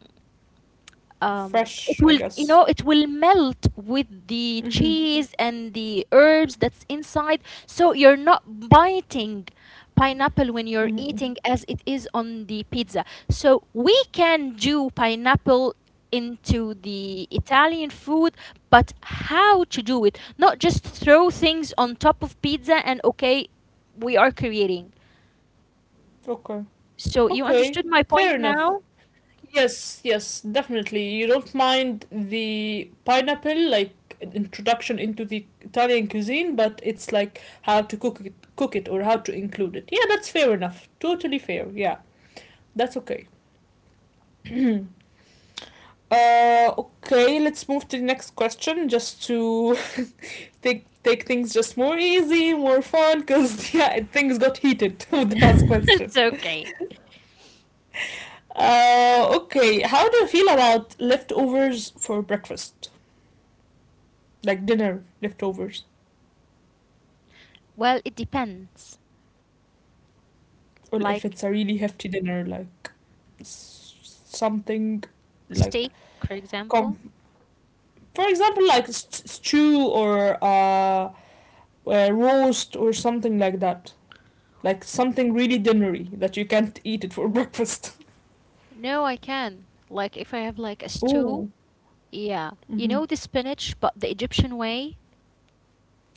um it will,
Fresh, I
you know, it
guess.
will melt with the
Mm-hmm.
cheese and the herbs that's inside, so you're not biting pineapple when you're
Mm-hmm.
eating as it is on the pizza. So we can do pineapple into the Italian food, but how to do it, not just throw things on top of pizza and okay, we are creating.
Okay.
So you
Okay.
understood my
Fair
point
enough.
now.
Yes, yes, definitely. You don't mind the pineapple like an introduction into the Italian cuisine, but it's like how to cook it or how to include it. Yeah, that's fair enough. Totally fair. Yeah. That's okay. Okay, let's move to the next question just to take things just more easy, more fun, because yeah, things got heated with the last question.
It's okay.
Okay, how do you feel about leftovers for breakfast? Like dinner leftovers,
Well, it depends,
or if
like
it's a really hefty dinner, like s- something like
Steak, for example?
com- for example, like stew or roast or something like that, like something really dinnery that you can't eat it for breakfast.
No, I can. Like if I have like a stew,
Oh.
yeah. You
Hmm.
know the spinach, but the Egyptian way?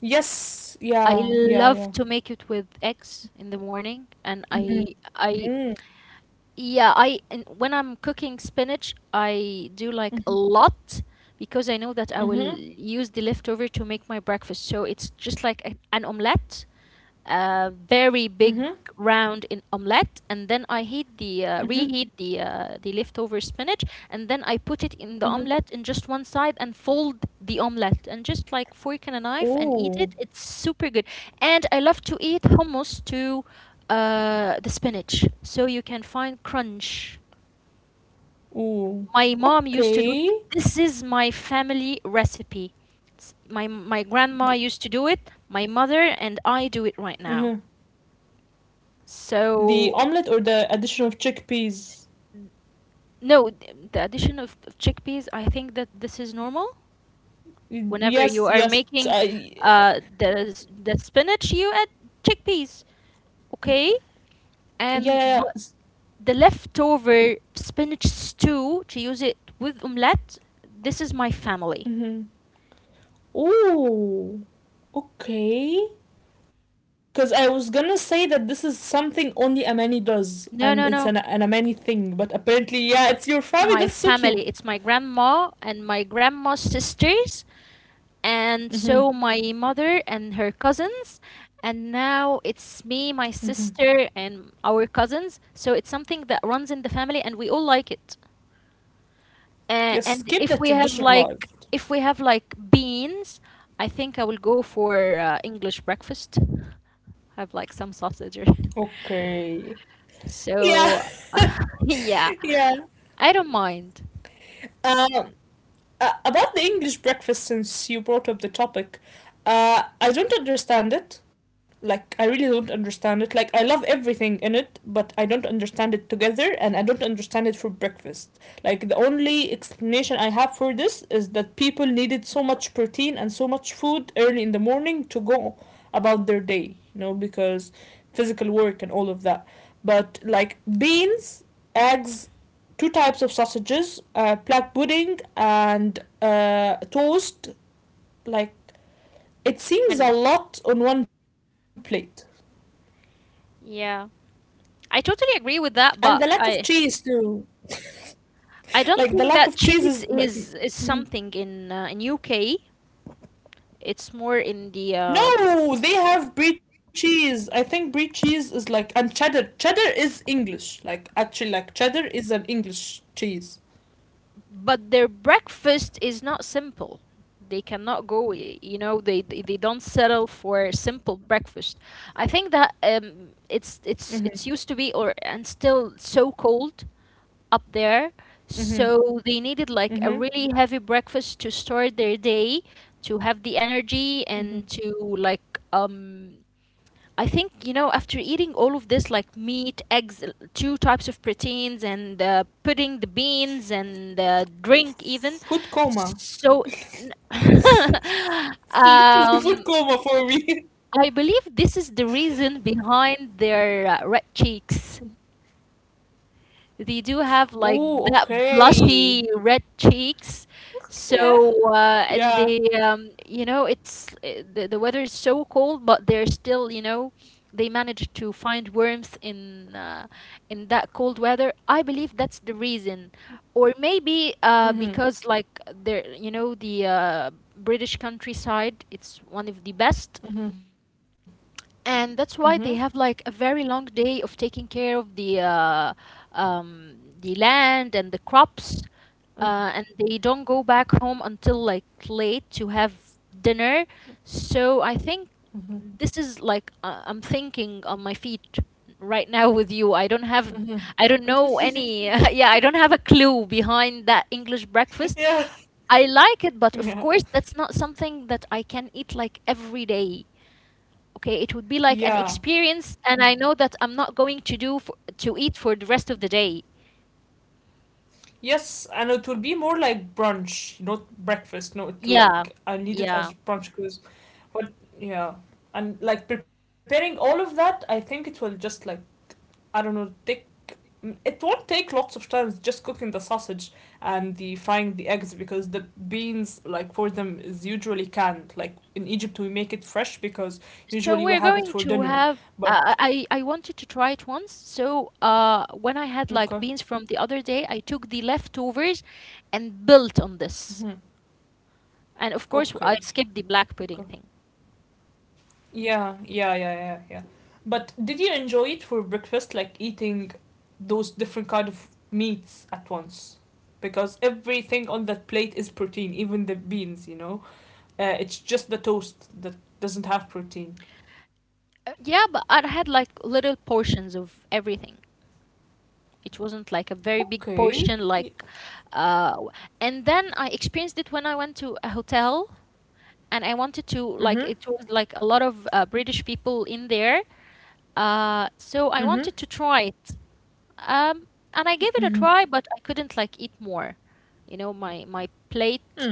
Yes,
I
yeah, yeah, yeah.
love to make it with eggs in the morning, and
Mm-hmm.
I
Mm.
yeah, I, and when I'm cooking spinach, I do like a
Mm-hmm.
lot because I know that I will
Mm-hmm.
use the leftover to make my breakfast. So it's just like a, an omelette,
Mm-hmm.
very big round in omelette, and then I heat the
Mm-hmm.
reheat the leftover spinach and then I put it in the
Mm-hmm.
omelette in just one side and fold the omelette and just like fork and a knife and eat it.
Ooh.
It's super good, and I love to eat hummus to the spinach so you can find crunch.
Ooh.
My mom used to do,
Okay.
this is my family recipe. It's- my grandma
Th-
used to do it, my mother and I do
uh-huh.
it right now.
The omelet or
So,
the addition of chickpeas.
no, the addition of chickpeas, I think that this is normal.
Y-
Whenever you
Yes,
are
yes.
making
I.
the spinach, you add chickpeas, okay?
yeah. Yeah.
And but the leftover spinach stew to use it with omelette, this is my family.
Mm-hmm. Ooh. Okay. Because I was gonna say that this is something only Amani does,
No, no,
and
no.
it's an Amani thing, but apparently, yeah, it's
It's
your
my
family, that's so
family. It's
cute.
my grandma and my grandma's sisters, and so
Mm
my
hmm.
mother and her cousins, and now it's me,
Mm
my
hmm.
sister, and our cousins. So it's something that runs in the family, and we all like it. And
Yes,
if
keep
we
that
have
tradition
like
alive.
beans, I think I will go for English breakfast, have like some sausage or
Okay. Yeah.
so yeah,
Yeah.
I don't mind.
Uh, about the English breakfast, since you brought up the topic, I don't understand it. Like, I really don't understand it. Like, I love everything in it, but I don't understand it together, and I don't understand it for breakfast. Like, the only explanation I have for this is that people needed so much protein and so much food early in the morning to go about their day, you know, because physical work and all of that. But, like, beans, eggs, two types of sausages, black pudding and toast. Like it seems
And
a lot on one plate,
yeah, I totally agree with
and the
that,
lack
but
of
i
cheese too.
I don't
Like the
think
lack of
that
cheese is
cheese
like
is something in UK. It's more in the
no, they have brie cheese. I think brie cheese is like and cheddar. Cheddar is English. Like actually, like cheddar is an English cheese.
but their breakfast is not simple. They cannot go, you know, they don't settle for simple breakfast. I think that
Mm-hmm.
it's used to be, or and still so cold up there,
Mm-hmm.
so they needed like a
Mm-hmm.
really heavy breakfast to start their day, to have the energy
Mm-hmm.
and to like I think, you know, after eating all of this, like meat, eggs, two types of proteins, and pudding, the beans, and drink, even.
Food coma.
So,
It's literally food
um,
coma for me.
I believe this is the reason behind their red cheeks. They do have
Oh,
like that
okay.
blushy red cheeks.
Yeah.
So and
Yeah.
they you know, it's the weather is so cold, but they're still, you know, they manage to find warmth in that cold weather. I believe that's the reason. Or maybe
Mhm.
because like they're, you know, the British countryside, it's one of the best,
Mhm.
and
Mhm.
that's why they have like a very long day of taking care of the land and the crops,
Mhm.
and they don't go back home until like late to have dinner. So I think this is like I'm thinking on my feet right now with you. I don't have,
Mhm.
I don't know
Mhm.
any yeah, I don't have a clue behind that English breakfast.
Yeah.
I like it, but of
Yeah.
course, that's not something that I can eat like every day. Okay, it would be like an
Yeah.
experience, and I know that I'm not going to do for, to eat for the rest of the day.
Yes, and it will be more like brunch, not breakfast. No, it will
Yeah,
like I need it
yeah,
as brunch because but yeah. And like preparing all of that, I think it will just like I don't know, take. Mm, it won't take lots of times just cooking the sausage and the frying the eggs because the beans like for them is usually canned. Like in Egypt we make it fresh because
so
usually we
we're
have it
going
for
to
dinner.
have
But
I wanted to try it once. So when I had like
okay.
beans from the other day, I took the leftovers and built on this.
Hmm.
And of course, I
Okay.
skipped the black pudding
Okay.
thing.
Yeah, yeah, yeah, yeah, yeah. But did you enjoy it for breakfast, like eating those different kind of meats at once? Because everything on that plate is protein, even the beans, you know? It's just the toast that doesn't have protein.
Yeah, but I had like little portions of everything. It wasn't like a very big
Okay.
portion, like. Uh, w- and then I experienced it when I went to a hotel, and I wanted to like,
Hmm.
it was like a lot of British people in there, so I
Y-
wanted to try it. Um, and I gave it a try, but I couldn't like eat more. You know, my plate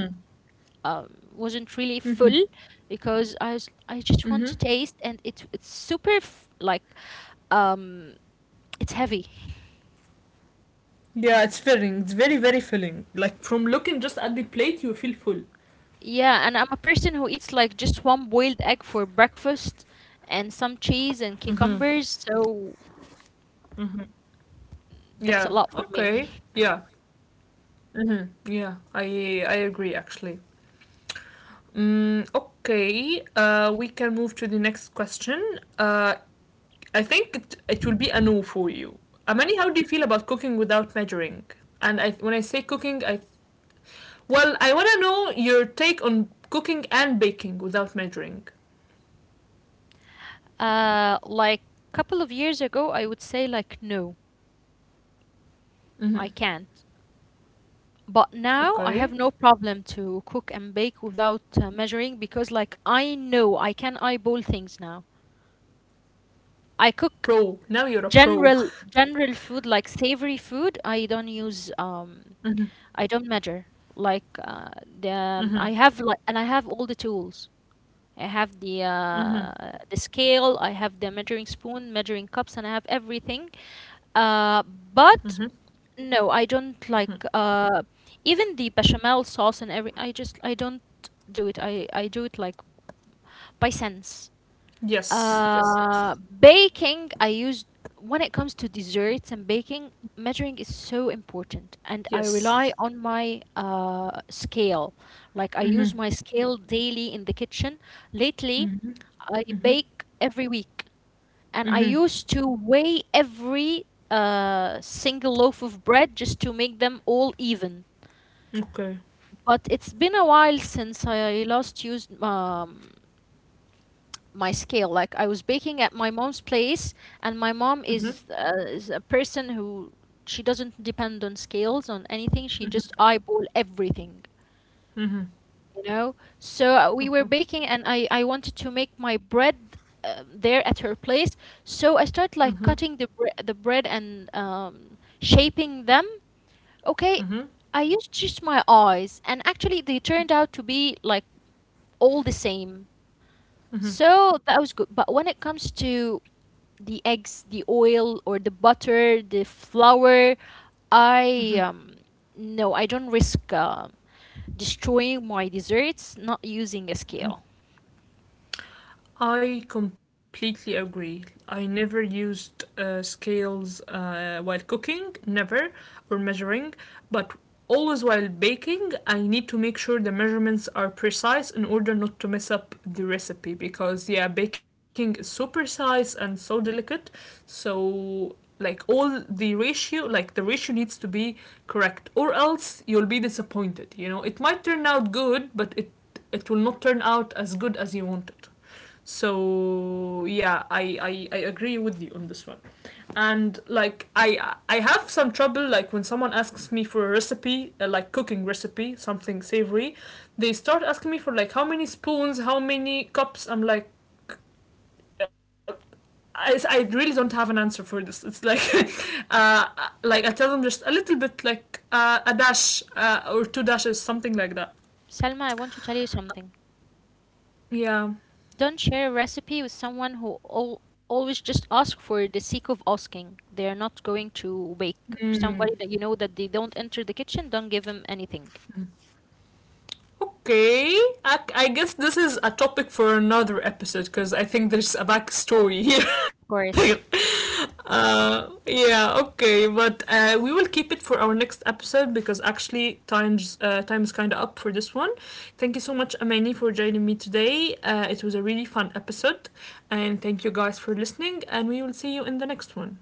wasn't really full because I was, I just want to taste, and it it's like um, it's heavy.
Yeah, it's filling. It's very, very filling. Like, from looking just at the plate, you feel full.
Yeah, and I'm a person who eats like just one boiled egg for breakfast and some cheese and
Mhm.
cucumbers, so
Mhm.
that's a
Yeah,
lot for me.
okay, yeah, hmm yeah. I agree actually. Mm, okay, we can move to the next question. Uh, I think it will be a no for you. Amani, how do you feel about cooking without measuring? And I, when I say cooking, I. Well, I want to know your take on cooking and baking without measuring.
Like couple of years ago, I would say like no,
Hmm.
I can't. But now I
Okay.
have no problem to cook and bake without measuring because like I know I can eyeball things now. I cook
Pro. Now you're a pro.
general food, like savory food. I don't use
Hmm.
I don't measure like the
Hmm.
I have like, and I have all the tools. I have
Hmm.
the scale, I have the measuring spoon, measuring cups, and I have everything.
Hmm.
But no, I don't like even the bechamel sauce and every, I just I don't do it. I do it like by sense.
Yes. Yes.
Baking I use, when it comes to desserts and baking, measuring is so important, and I rely on my
Yes.
scale. Like I use my scale
Hmm.
daily in the kitchen. Lately, I
Hmm.
bake every
Hmm.
week, and I used to
Hmm.
weigh every single loaf of bread just to make them all even. But
Okay.
it's been a while since I last used my scale. Like I was baking at my mom's place, and my mom
Hmm.
is a person who, she doesn't depend on scales on anything. She just eyeball
Hmm.
everything. You
Hmm.
know, so we were baking, and
Okay.
I wanted to make my bread there at her place. So I started like cutting
Hmm.
the bread and shaping them, okay, I
Hmm.
used just my eyes, and actually they turned out to be like all the same. So that was good. But when it comes to the eggs, the oil or the butter, the flour, I no, I don't risk destroying my desserts not using a scale.
I completely agree. I never used scales while cooking, never, or measuring, but always while baking, I need to make sure the measurements are precise in order not to mess up the recipe because, yeah, baking is so precise and so delicate. So, like, all the ratio, like, the ratio needs to be correct, or else you'll be disappointed. You know, it might turn out good, but it will not turn out as good as you want it. So yeah, I agree with you on this one, and like I have some trouble like when someone asks me for a recipe, like cooking recipe, something savory, they start asking me for like how many spoons, how many cups. I'm like. uh, I really don't have an answer for this. It's like, uh, like I tell them just a little bit, like a dash or two dashes, something like that.
Salma, I want to tell you something.
Yeah.
Don't share a recipe with someone who al always just ask for the sake of asking. They are not going to bake.
Mm.
Somebody that you know that they don't enter the kitchen, don't give them anything.
Okay, I guess this is a topic for another episode because I think there's a backstory
Of
here.
course.
Yeah, okay, but we will keep it for our next episode because actually time's kind of up for this one. Thank you so much, Amani, for joining me today. It was a really fun episode, and thank you guys for listening. And we will see you in the next one.